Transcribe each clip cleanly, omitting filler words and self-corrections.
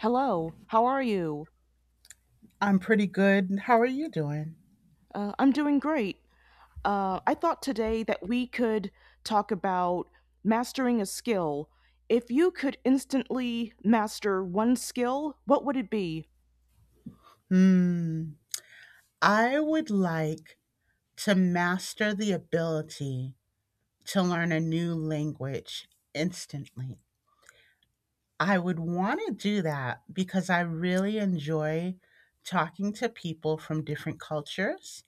Hello, how are you? I'm pretty good. How are you doing? I'm doing great. I thought today that we could talk about mastering a skill. If you could instantly master one skill, what would it be? Hmm. I would like to master the ability to learn a new language instantly. I would want to do that because I really enjoy talking to people from different cultures.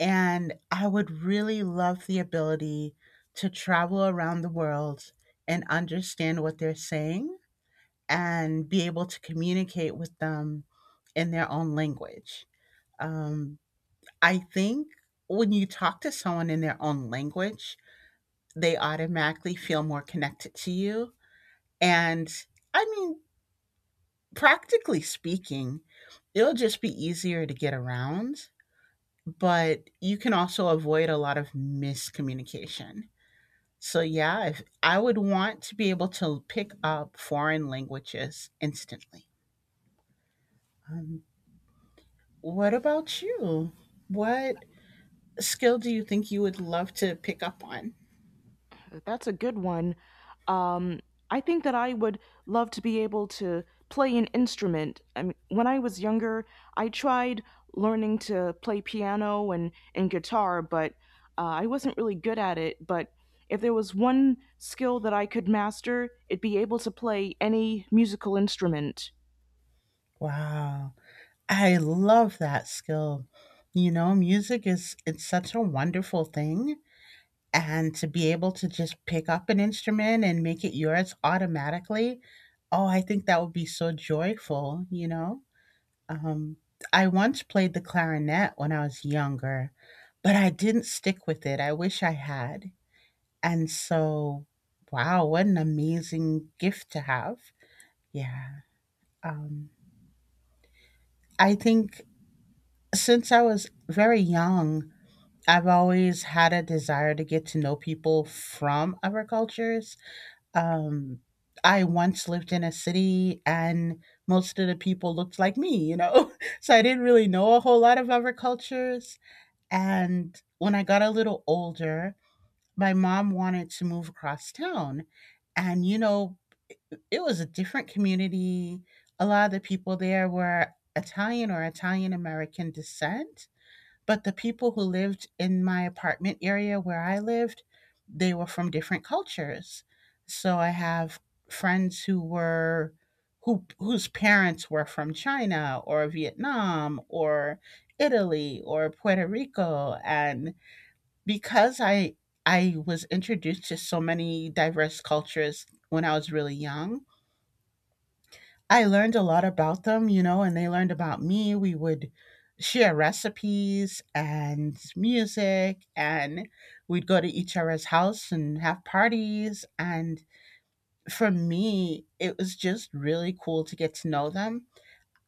And I would really love the ability to travel around the world and understand what they're saying and be able to communicate with them in their own language. Um, I think when you talk to someone in their own language, they automatically feel more connected to you. And I mean, practically speaking, it'll just be easier to get around, but you can also avoid a lot of miscommunication. So, yeah, if, I would want to be able to pick up foreign languages instantly. Um, what about you? What skill do you think you would love to pick up on? That's a good one. Um, I think that I would love to be able to play an instrument. I mean, when I was younger, I tried learning to play piano and guitar, but I wasn't really good at it. But if there was one skill that I could master, it'd be able to play any musical instrument. Wow. I love that skill. You know, music is it's such a wonderful thing, and to be able to just pick up an instrument and make it yours automatically, oh, I think that would be so joyful, you know? Um I once played the clarinet when I was younger, but I didn't stick with it. I wish I had. And so, wow, what an amazing gift to have. Yeah. Um I think since I was very young, I've always had a desire to get to know people from other cultures. Um, I once lived in a city and most of the people looked like me, you know? So I didn't really know a whole lot of other cultures. And when I got a little older, my mom wanted to move across town. And, you know, it was a different community. A lot of the people there were Italian or Italian American descent, but the people who lived in my apartment area where I lived, they were from different cultures. So I have friends whose parents were from China or Vietnam or Italy or Puerto Rico, and because I was introduced to so many diverse cultures when I was really young, I learned a lot about them, you know, and they learned about me. We would share recipes and music, and we'd go to each other's house and have parties. And for me, it was just really cool to get to know them.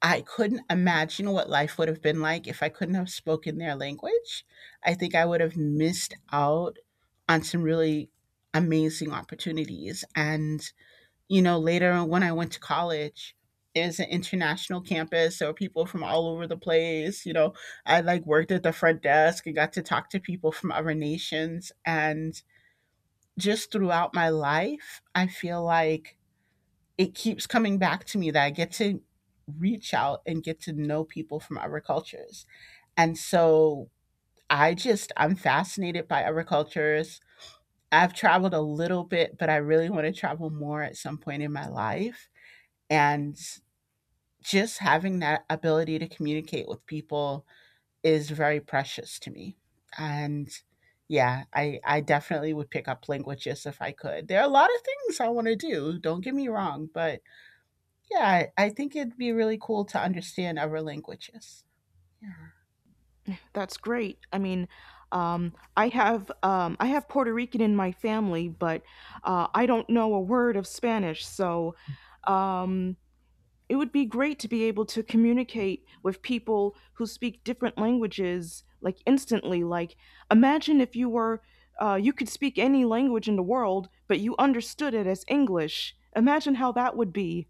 I couldn't imagine what life would have been like if I couldn't have spoken their language. I think I would have missed out on some really amazing opportunities. And you know, later on when I went to college, there's an international campus, so people from all over the place. You know, I like worked at the front desk and got to talk to people from other nations. And just throughout my life, I feel like it keeps coming back to me that I get to reach out and get to know people from other cultures. And so I'm fascinated by other cultures. I've traveled a little bit, but I really want to travel more at some point in my life. And just having that ability to communicate with people is very precious to me. And yeah, I definitely would pick up languages if I could. There are a lot of things I want to do, don't get me wrong, but yeah, I think it'd be really cool to understand other languages. Yeah. That's great. I mean, I have Puerto Rican in my family, but I don't know a word of Spanish, so. Um, it would be great to be able to communicate with people who speak different languages, like instantly. Like imagine if you were, you could speak any language in the world but you understood it as English. Imagine how that would be.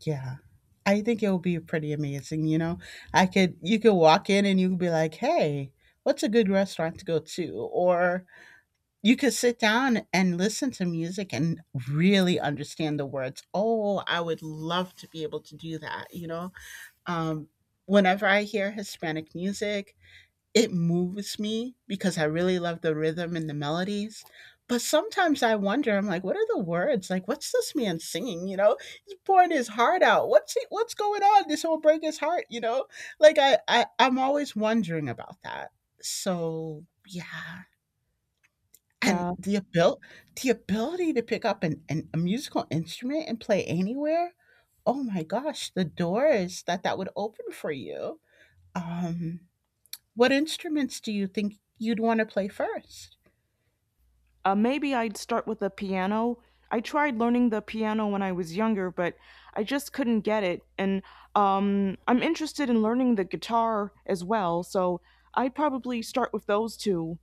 Yeah. I think it would be pretty amazing, you know. I could you could walk in and you could be like, "Hey, what's a good restaurant to go to?" Or you could sit down and listen to music and really understand the words. Oh, I would love to be able to do that. You know, um, whenever I hear Hispanic music, it moves me because I really love the rhythm and the melodies. But sometimes I wonder, I'm like, what are the words? Like, what's this man singing? You know, he's pouring his heart out. What's going on? This will break his heart. You know, like I'm always wondering about that. So yeah, and Yeah, the ability to pick up an a musical instrument and play anywhere, oh my gosh, the doors that would open for you. Um, what instruments do you think you'd wanna play first? Maybe I'd start with the piano. I tried learning the piano when I was younger, but I just couldn't get it. And I'm interested in learning the guitar as well, so I'd probably start with those two.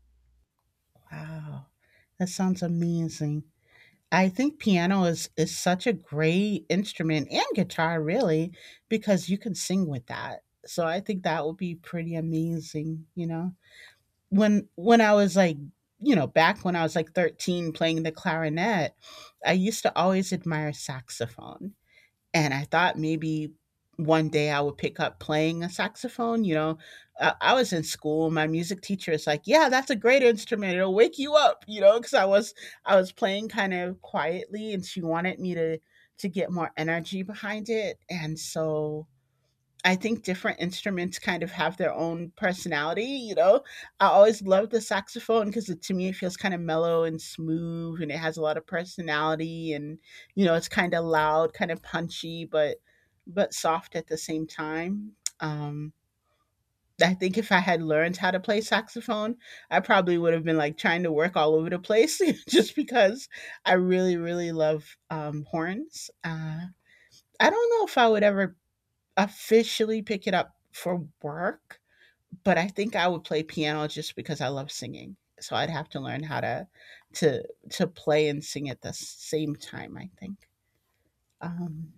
Wow, that sounds amazing. I think piano is such a great instrument, and guitar really, because you can sing with that. So I think that would be pretty amazing, you know? When I was like, you know, back when I was like 13 playing the clarinet, I used to always admire saxophone. And I thought maybe one day I would pick up playing a saxophone. You know, I was in school. My music teacher is like, "Yeah, that's a great instrument. It'll wake you up." You know, because I was playing kind of quietly, and she wanted me to get more energy behind it. And so I think different instruments kind of have their own personality, you know. I always love the saxophone because to me it feels kind of mellow and smooth, and it has a lot of personality, and you know, it's kind of loud, kind of punchy, but soft at the same time. I think if I had learned how to play saxophone, I probably would have been like trying to work all over the place just because I really, really love horns. I don't know if I would ever officially pick it up for work, but I think I would play piano just because I love singing. So I'd have to learn how to to play and sing at the same time. I think. Um,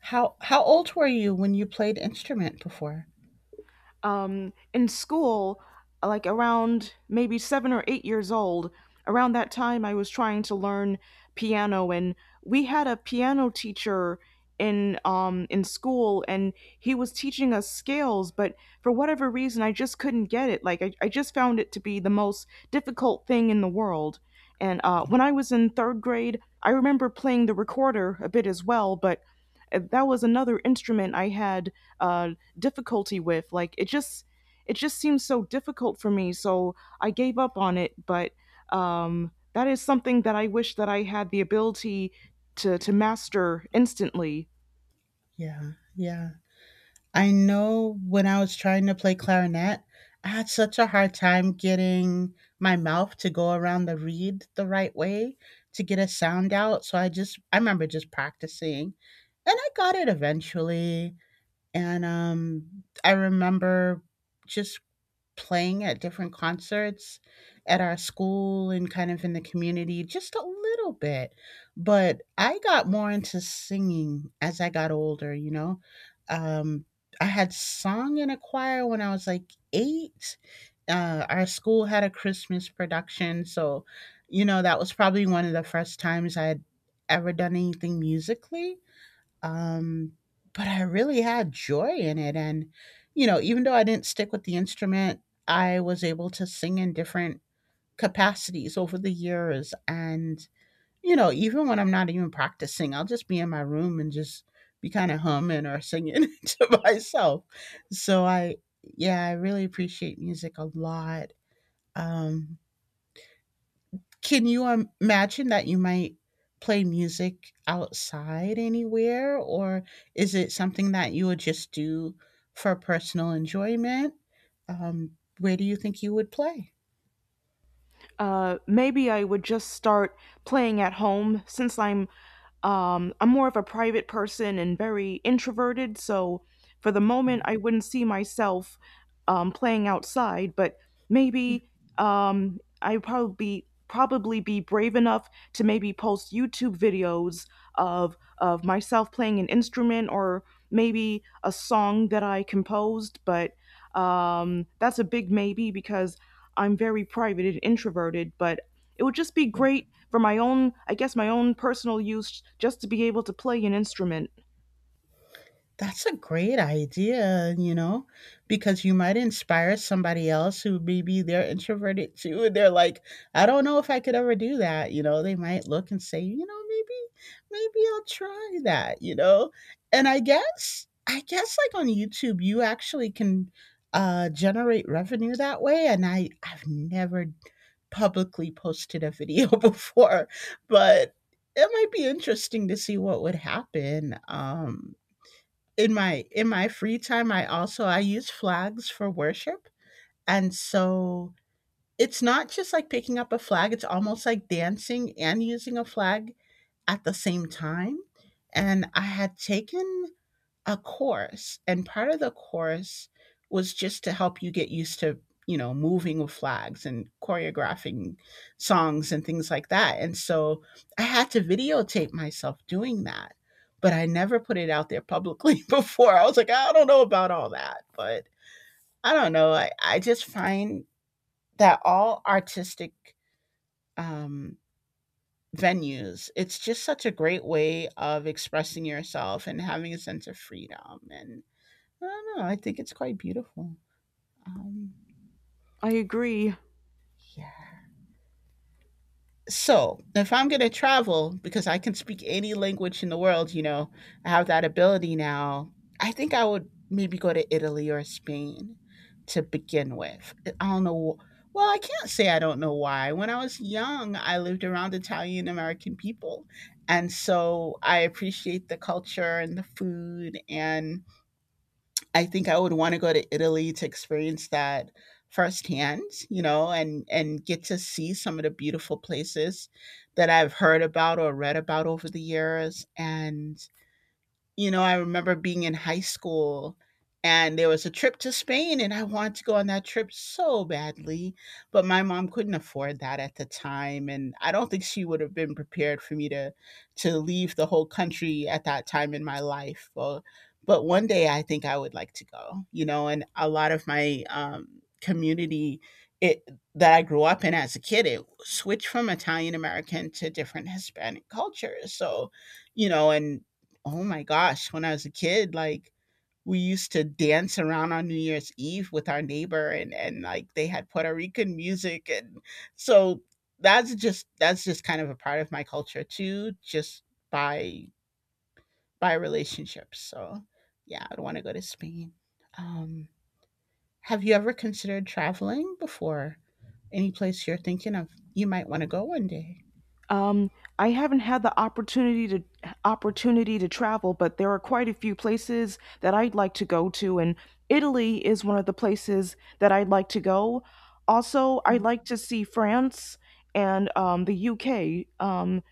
how old were you when you played instrument before? In school, like around maybe 7 or 8 years old, around that time, I was trying to learn piano, and we had a piano teacher in school, and he was teaching us scales. But for whatever reason, I just couldn't get it. Like I just found it to be the most difficult thing in the world. And when I was in third grade, I remember playing the recorder a bit as well. But that was another instrument I had uh, difficulty with. Like it just seems so difficult for me. So I gave up on it. But that is something that I wish that I had the ability to master instantly. Yeah, yeah. I know when I was trying to play clarinet, I had such a hard time getting my mouth to go around the reed the right way to get a sound out. So I remember just practicing, and I got it eventually. And I remember just playing at different concerts at our school and kind of in the community just a little bit. But I got more into singing as I got older, you know. Um, I had sung in a choir when I was like eight. Our school had a Christmas production. So, you know, that was probably one of the first times I had ever done anything musically, um, but I really had joy in it. And, you know, even though I didn't stick with the instrument, I was able to sing in different capacities over the years. And, you know, even when I'm not even practicing, I'll just be in my room and just be kind of humming or singing to myself. So yeah, I really appreciate music a lot. Um, can you imagine that you might play music outside anywhere, or is it something that you would just do for personal enjoyment? Where do you think you would play? Maybe I would just start playing at home, since I'm, I'm more of a private person and very introverted. So for the moment, Yeah, I wouldn't see myself, playing outside. But maybe, I probably be brave enough to maybe post YouTube videos of myself playing an instrument, or maybe a song that I composed. But that's a big maybe, because I'm very private and introverted. But it would just be yeah. great for my own, I guess, my own personal use, just to be able to play an instrument. That's a great idea, you know, because you might inspire somebody else who maybe they're introverted too. And they're like, I don't know if I could ever do that. You know, they might look and say, you know, maybe I'll try that, you know? And I guess like on YouTube, you actually can generate revenue that way. And I've never publicly posted a video before, but it might be interesting to see what would happen. In my free time, I also I use flags for worship, and so it's not just like picking up a flag. It's almost like dancing and using a flag at the same time. And I had taken a course, and part of the course was just to help you get used to, you know, moving with flags and choreographing songs and things like that. And so I had to videotape myself doing that, but I never put it out there publicly before. I was like, I don't know about all that, but I don't know. I just find that all artistic um, venues, it's just such a great way of expressing yourself and having a sense of freedom, and I don't know. I think it's quite beautiful. Um, I agree. yeah. So if I'm going to travel, because I can speak any language in the world, you know, I have that ability now. I think I would maybe go to Italy or Spain to begin with. I don't know. Well, I can't say I don't know why. When I was young, I lived around Italian American people. And so I appreciate the culture and the food, and I think I would want to go to Italy to experience that firsthand, and get to see some of the beautiful places that I've heard about or read about over the years. And I remember being in high school, and there was a trip to Spain and I wanted to go on that trip so badly, but my mom couldn't afford that at the time, and I don't think she would have been prepared for me to leave the whole country at that time in my life. Well, but one day I think I would like to go, and a lot of my community it that I grew up in as a kid, it switched from Italian American to different Hispanic cultures. So, and oh my gosh, when I was a kid, like we used to dance around on New Year's Eve with our neighbor, and like they had Puerto Rican music. And so that's just kind of a part of my culture too, just by by relationships. So yeah, I'd want to go to Spain. Um have you ever considered traveling before? Any place you're thinking of you might want to go one day? Um, I haven't had the opportunity to travel, but there are quite a few places that I'd like to go to, and Italy is one of the places that I'd like to go. Also, I'd like to see France and, the UK.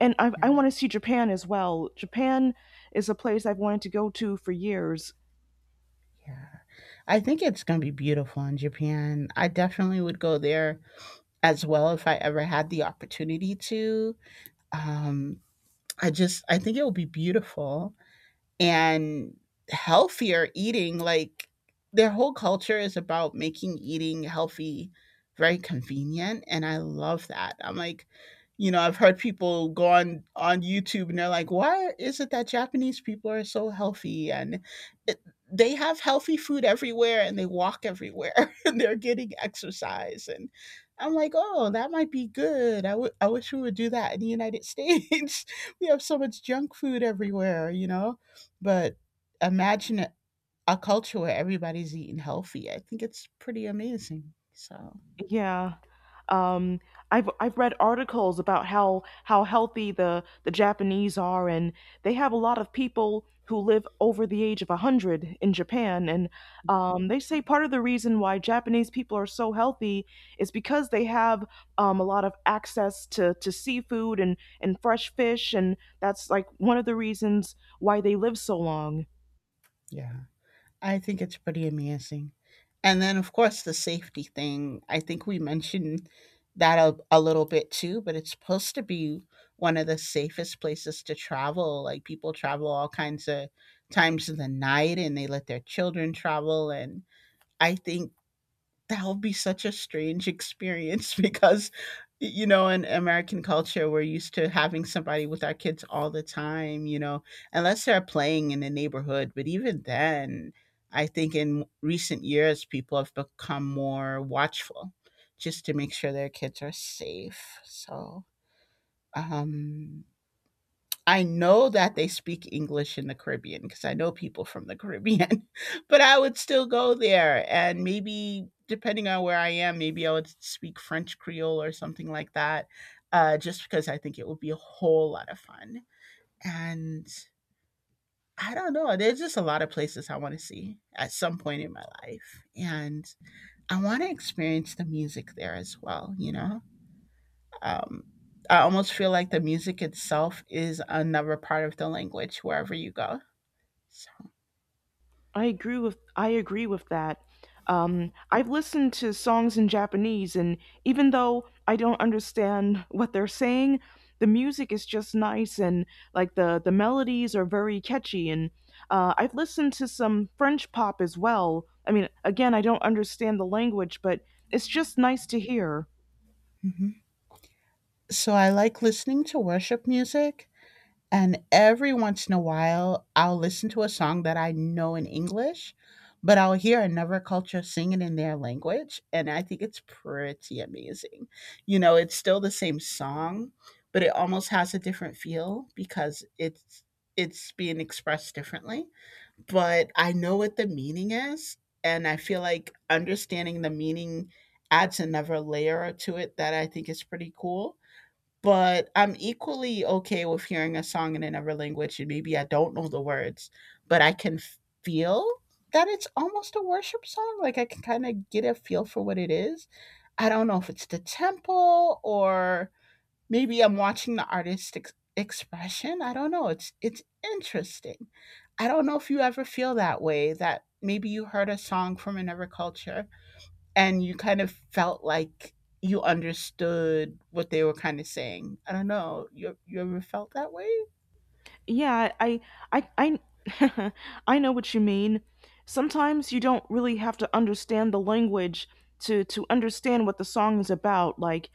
And I Yeah, want to see Japan as well. Japan is a place I've wanted to go to for years. yeah. I think it's going to be beautiful in Japan. I definitely would go there as well if I ever had the opportunity to. Um, I think it would be beautiful, and healthier eating. Like their whole culture is about making eating healthy very convenient. And I love that. I'm like, I've heard people go on YouTube and they're like, why is it that Japanese people are so healthy? And it, they have healthy food everywhere and they walk everywhere and they're getting exercise. And I'm like, oh, that might be good. I wish we would do that in the United States. We have so much junk food everywhere, you know? But imagine a culture where everybody's eating healthy. I think it's pretty amazing. So, Yeah. Um, I've read articles about how healthy the Japanese are, and they have a lot of people who live over the age of 100 in Japan. And they say part of the reason why Japanese people are so healthy is because they have, a lot of access to seafood and fresh fish, and that's like one of the reasons why they live so long. yeah, I think it's pretty amazing. And then, of course, the safety thing. I think we mentioned that a little bit too, but it's supposed to be one of the safest places to travel. Like people travel all kinds of times of the night and they let their children travel. And I think that will be such a strange experience because you know in American culture we're used to having somebody with our kids all the time, you know, unless they're playing in the neighborhood. But even then, I think in recent years people have become more watchful just to make sure their kids are safe. So um I know that they speak English in the Caribbean because I know people from the Caribbean, but I would still go there and maybe depending on where I am, maybe I would speak French Creole or something like that, just because I think it would be a whole lot of fun. And I don't know, there's just a lot of places I want to see at some point in my life, and I want to experience the music there as well. You know, um, I almost feel like the music itself is another part of the language wherever you go. So, I agree with that. I've listened to songs in Japanese, and even though I don't understand what they're saying, the music is just nice, and like the melodies are very catchy. And I've listened to some French pop as well. I mean, again, I don't understand the language, but it's just nice to hear. mhm. So I like listening to worship music, and every once in a while, I'll listen to a song that I know in English, but I'll hear another culture sing it in their language, and I think it's pretty amazing. You know, it's still the same song, but it almost has a different feel because it's being expressed differently. But I know what the meaning is. And I feel like understanding the meaning adds another layer to it that I think is pretty cool. But I'm equally okay with hearing a song in another language, and maybe I don't know the words, but I can feel that it's almost a worship song. Like I can kind of get a feel for what it is. I don't know if it's the temple, or maybe I'm watching the artist expression. I don't know. It's interesting. I don't know if you ever feel that way, that maybe you heard a song from another culture and you kind of felt like you understood what they were kind of saying. I don't know. You ever felt that way? Yeah, I I I know what you mean. Sometimes you don't really have to understand the language to understand what the song is about. Like,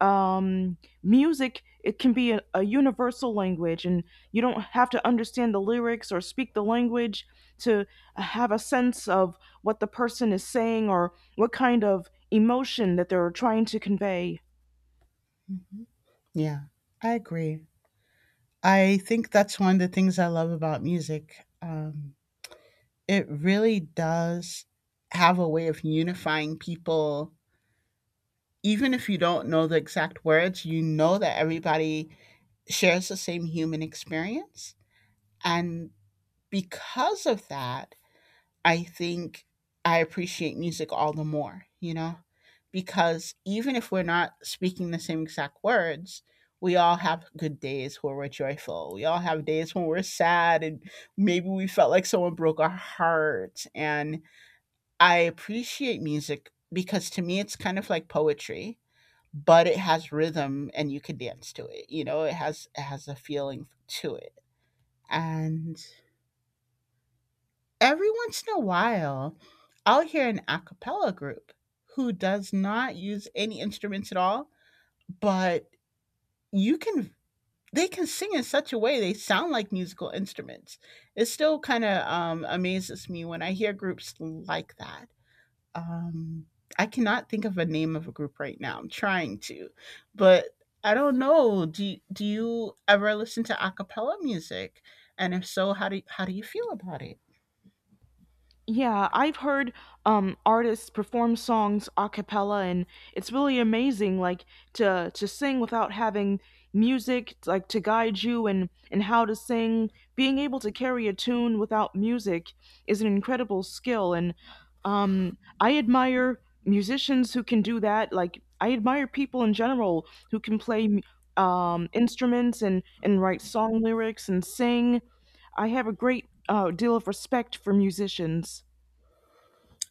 um music, it can be a universal language, and you don't have to understand the lyrics or speak the language to have a sense of what the person is saying, or what kind of emotion that they're trying to convey. Hmm. Yeah, I agree. I think that's one of the things I love about music. It really does have a way of unifying people. Even if you don't know the exact words, you know that everybody shares the same human experience. And because of that, I think I appreciate music all the more, you know, because even if we're not speaking the same exact words, we all have good days where we're joyful. We all have days when we're sad and maybe we felt like someone broke our heart. And I appreciate music because to me, it's kind of like poetry, but it has rhythm and you can dance to it. You know, it has a feeling to it. And every once in a while, I'll hear an a cappella group who does not use any instruments at all, but you can they can sing in such a way they sound like musical instruments. It still kind of amazes me when I hear groups like that. um I cannot think of a name of a group right now. I'm trying to, but I don't know. Do you ever listen to a cappella music? And if so, how do you feel about it? Yeah, I've heard artists perform songs a cappella, and it's really amazing. Like to sing without having music, like to guide you and how to sing. Being able to carry a tune without music is an incredible skill. And I admire musicians who can do that. Like I admire people in general who can play instruments and write song lyrics and sing. I have a great deal of respect for musicians.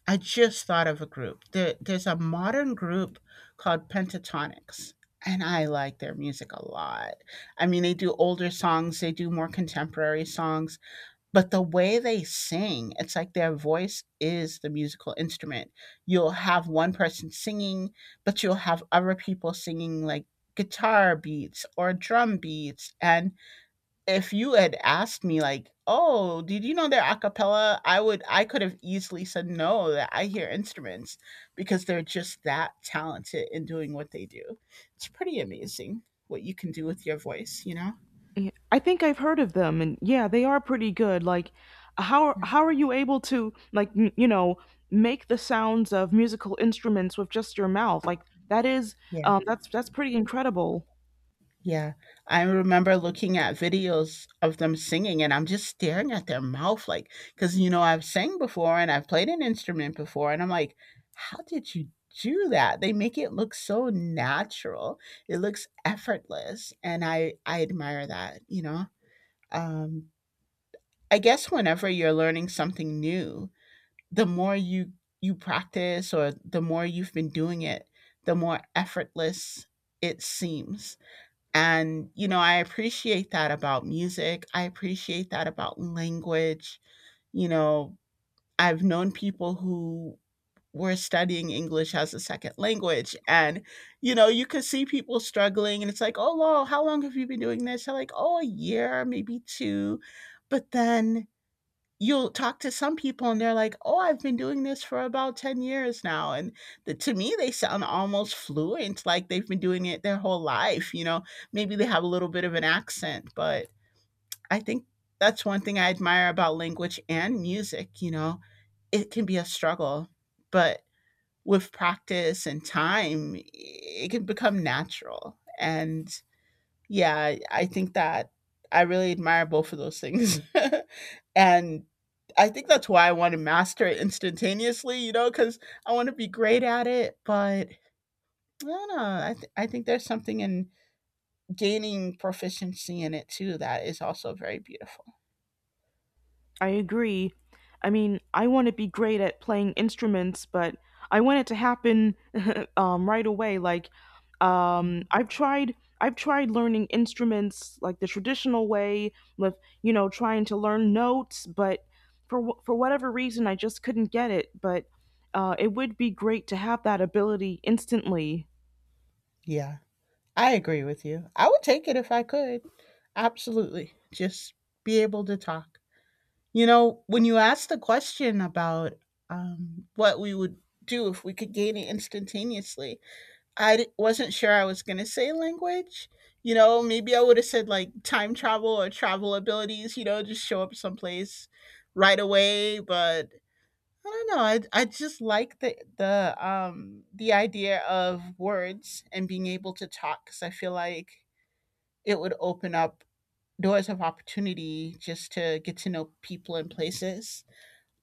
I just thought of a group. There's a modern group called Pentatonics, and I like their music a lot. I mean, they do older songs, they do more contemporary songs, but the way they sing, it's like their voice is the musical instrument. You'll have one person singing, but you'll have other people singing like guitar beats or drum beats. And if you had asked me like, "Oh, did you know they're a cappella?" I could have easily said no, that I hear instruments because they're just that talented in doing what they do. It's pretty amazing what you can do with your voice, you know? Yeah, I think I've heard of them, and yeah, they are pretty good. Like, how are you able to like you know, make the sounds of musical instruments with just your mouth? Like that is, Yeah. That's pretty incredible. Yeah. I remember looking at videos of them singing, and I'm just staring at their mouth, like, because you know, I've sang before and I've played an instrument before, and I'm like, "How did you do that?" They make it look so natural. It looks effortless, and I admire that, you know? Um, I guess whenever you're learning something new, the more you practice or the more you've been doing it, the more effortless it seems. And, you know, I appreciate that about music. I appreciate that about language. You know, I've known people who were studying English as a second language. And, you know, you could see people struggling and it's like, oh, lol, how long have you been doing this? They're like, oh, a year, maybe two. But then you'll talk to some people and they're like, "Oh, I've been doing this for about 10 years now." And the, to me, they sound almost fluent, like they've been doing it their whole life, you know. Maybe they have a little bit of an accent, but I think that's one thing I admire about language and music, you know. It can be a struggle, but with practice and time, it can become natural. And yeah, I think that I really admire both of those things. And I think that's why I want to master it instantaneously, you know, because I want to be great at it. But I don't know. I think there's something in gaining proficiency in it too that is also very beautiful. I agree. I mean, I want to be great at playing instruments, but I want it to happen right away. Like, um, Mhm. I've tried, I've tried learning instruments like the traditional way, with, you know, trying to learn notes. But for whatever reason, I just couldn't get it. But it would be great to have that ability instantly. Yeah, I agree with you. I would take it if I could. Absolutely. Just be able to talk. You know, when you asked the question about what we would do if we could gain it instantaneously, wasn't sure I was going to say language. You know, maybe I would have said like time travel or travel abilities, you know, just show up someplace right away. But I don't know. I just like the idea of words and being able to talk because I feel like it would open up doors of opportunity just to get to know people and places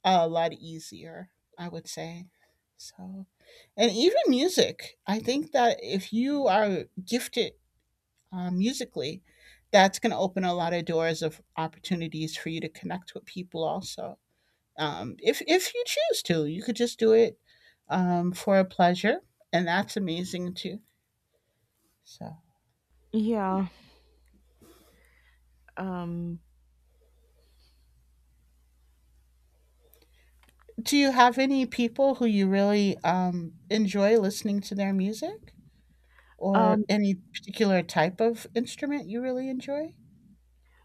a lot easier, I would say. So, and even music, I think that if you are gifted musically, that's going to open a lot of doors of opportunities for you to connect with people also. If you choose to, you could just do it for a pleasure, and that's amazing too. So, Yeah. Um, do you have any people who you really enjoy listening to their music, or um, any particular type of instrument you really enjoy?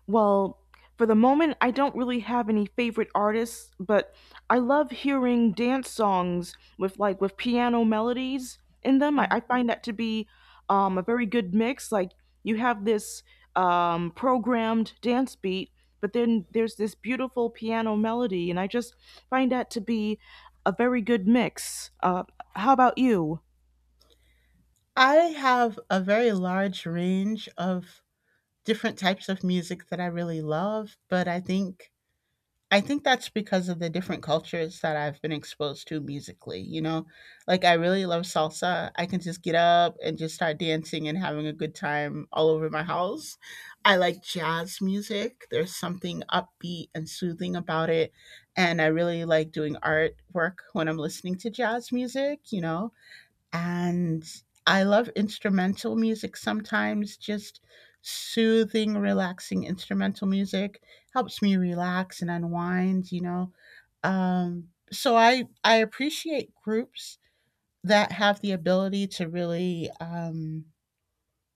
well, for the moment, I don't really have any favorite artists, but I love hearing dance songs with, with piano melodies in them. I, Mm-hmm. I find that to be, a very good mix. Like you have this, programmed dance beat, but then there's this beautiful piano melody, and I just find that to be a very good mix. How about you? I have a very large range of different types of music that I really love, but I think that's because of the different cultures that I've been exposed to musically, you know? Like I really love salsa. I can just get up and just start dancing and having a good time all over my house. I like jazz music. There's something upbeat and soothing about it, and I really like doing art work when I'm listening to jazz music, you know? And I love instrumental music sometimes, just soothing, relaxing instrumental music helps me relax and unwind, you know. So I appreciate groups that have the ability to really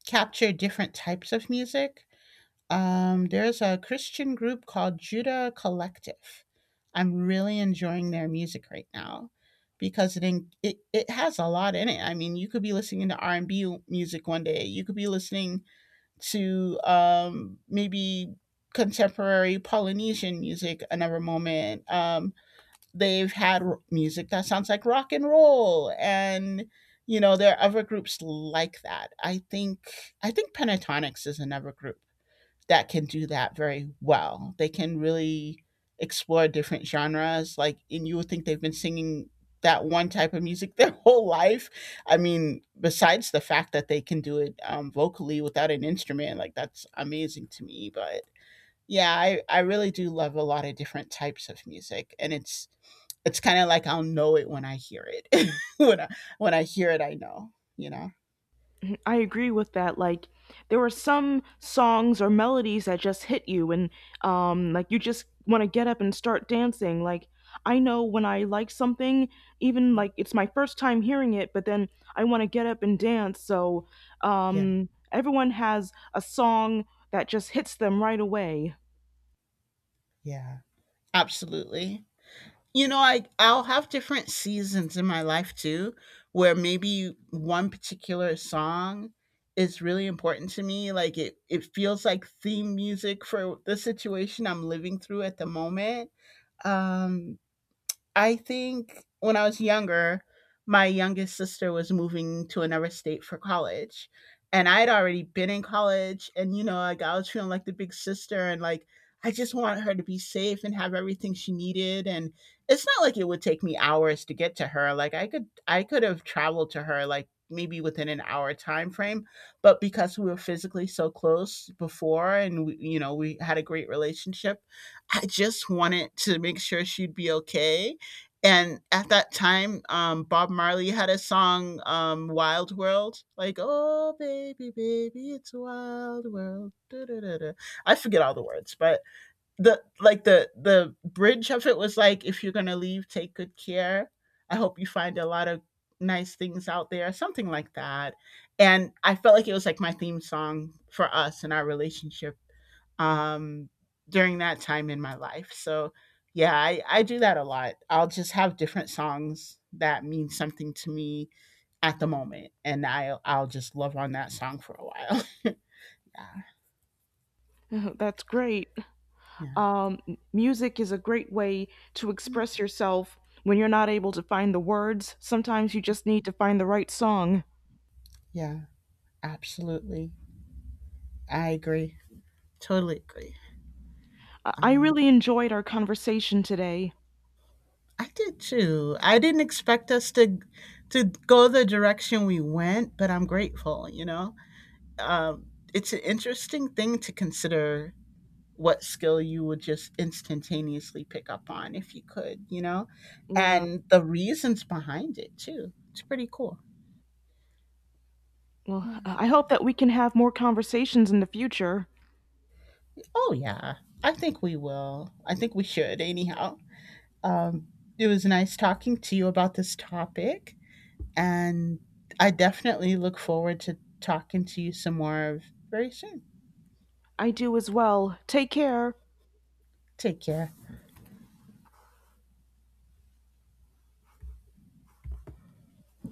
capture different types of music. There's a Christian group called Judah Collective. I'm really enjoying their music right now because it has a lot in it. I mean, you could be listening to R&B music one day. You could be listening to maybe contemporary Polynesian music another moment. They've had music that sounds like rock and roll, and you know there are other groups like that. I think Pentatonics is another group that can do that very well. They can really explore different genres. Like, and you would think they've been singing that one type of music their whole life. I mean, besides the fact that they can do it vocally without an instrument, like that's amazing to me. But yeah, I really do love a lot of different types of music, and it's kind of like I'll know it when I hear it. When I hear it, I know. You know. I agree with that. Like there were some songs or melodies that just hit you. And like you just want to get up and start dancing. Like I know when I like something, even like it's my first time hearing it, but then I want to get up and dance. So Yeah. Everyone has a song that just hits them right away. Yeah. Absolutely. You know, I'll have different seasons in my life too, where maybe one particular song is really important to me. Like it feels like theme music for the situation I'm living through at the moment. Um I think when I was younger, my youngest sister was moving to another state for college. And I had already been in college, and you know, like I was feeling like the big sister, and like I just wanted her to be safe and have everything she needed, and it's not like it would take me hours to get to her. Like I could have traveled to her like maybe within an hour time frame, but because we were physically so close before and we, you know, we had a great relationship, I just wanted to make sure she'd be okay. And at that time, Bob Marley had a song, "Wild World," like "Oh baby, baby, it's a wild world, duh, duh, duh, duh." I forget all the words, but the like the bridge of it was like, "If you're gonna leave, take good care. I hope you find a lot of nice things out there," something like that. And I felt like it was like my theme song for us and our relationship um, during that time in my life. So, yeah, I do that a lot. I'll just have different songs that mean something to me at the moment, and I'll just love on that song for a while. yeah, That's great. yeah, Um, music is a great way to Mm, express yourself when you're not able to find the words. Sometimes you just need to find the right song. yeah, absolutely. I agree. Totally agree. I Um, really enjoyed our conversation today. I did too. I didn't expect us to go the direction we went, but I'm grateful. You know, um, it's an interesting thing to consider what skill you would just instantaneously pick up on if you could, you know, Yeah, and the reasons behind it too. It's pretty cool. well, Yeah. I hope that we can have more conversations in the future. Oh, yeah. I think we will. I think we should, anyhow. Um, it was nice talking to you about this topic, and I definitely look forward to talking to you some more very soon. I do as well. Take care. Take care.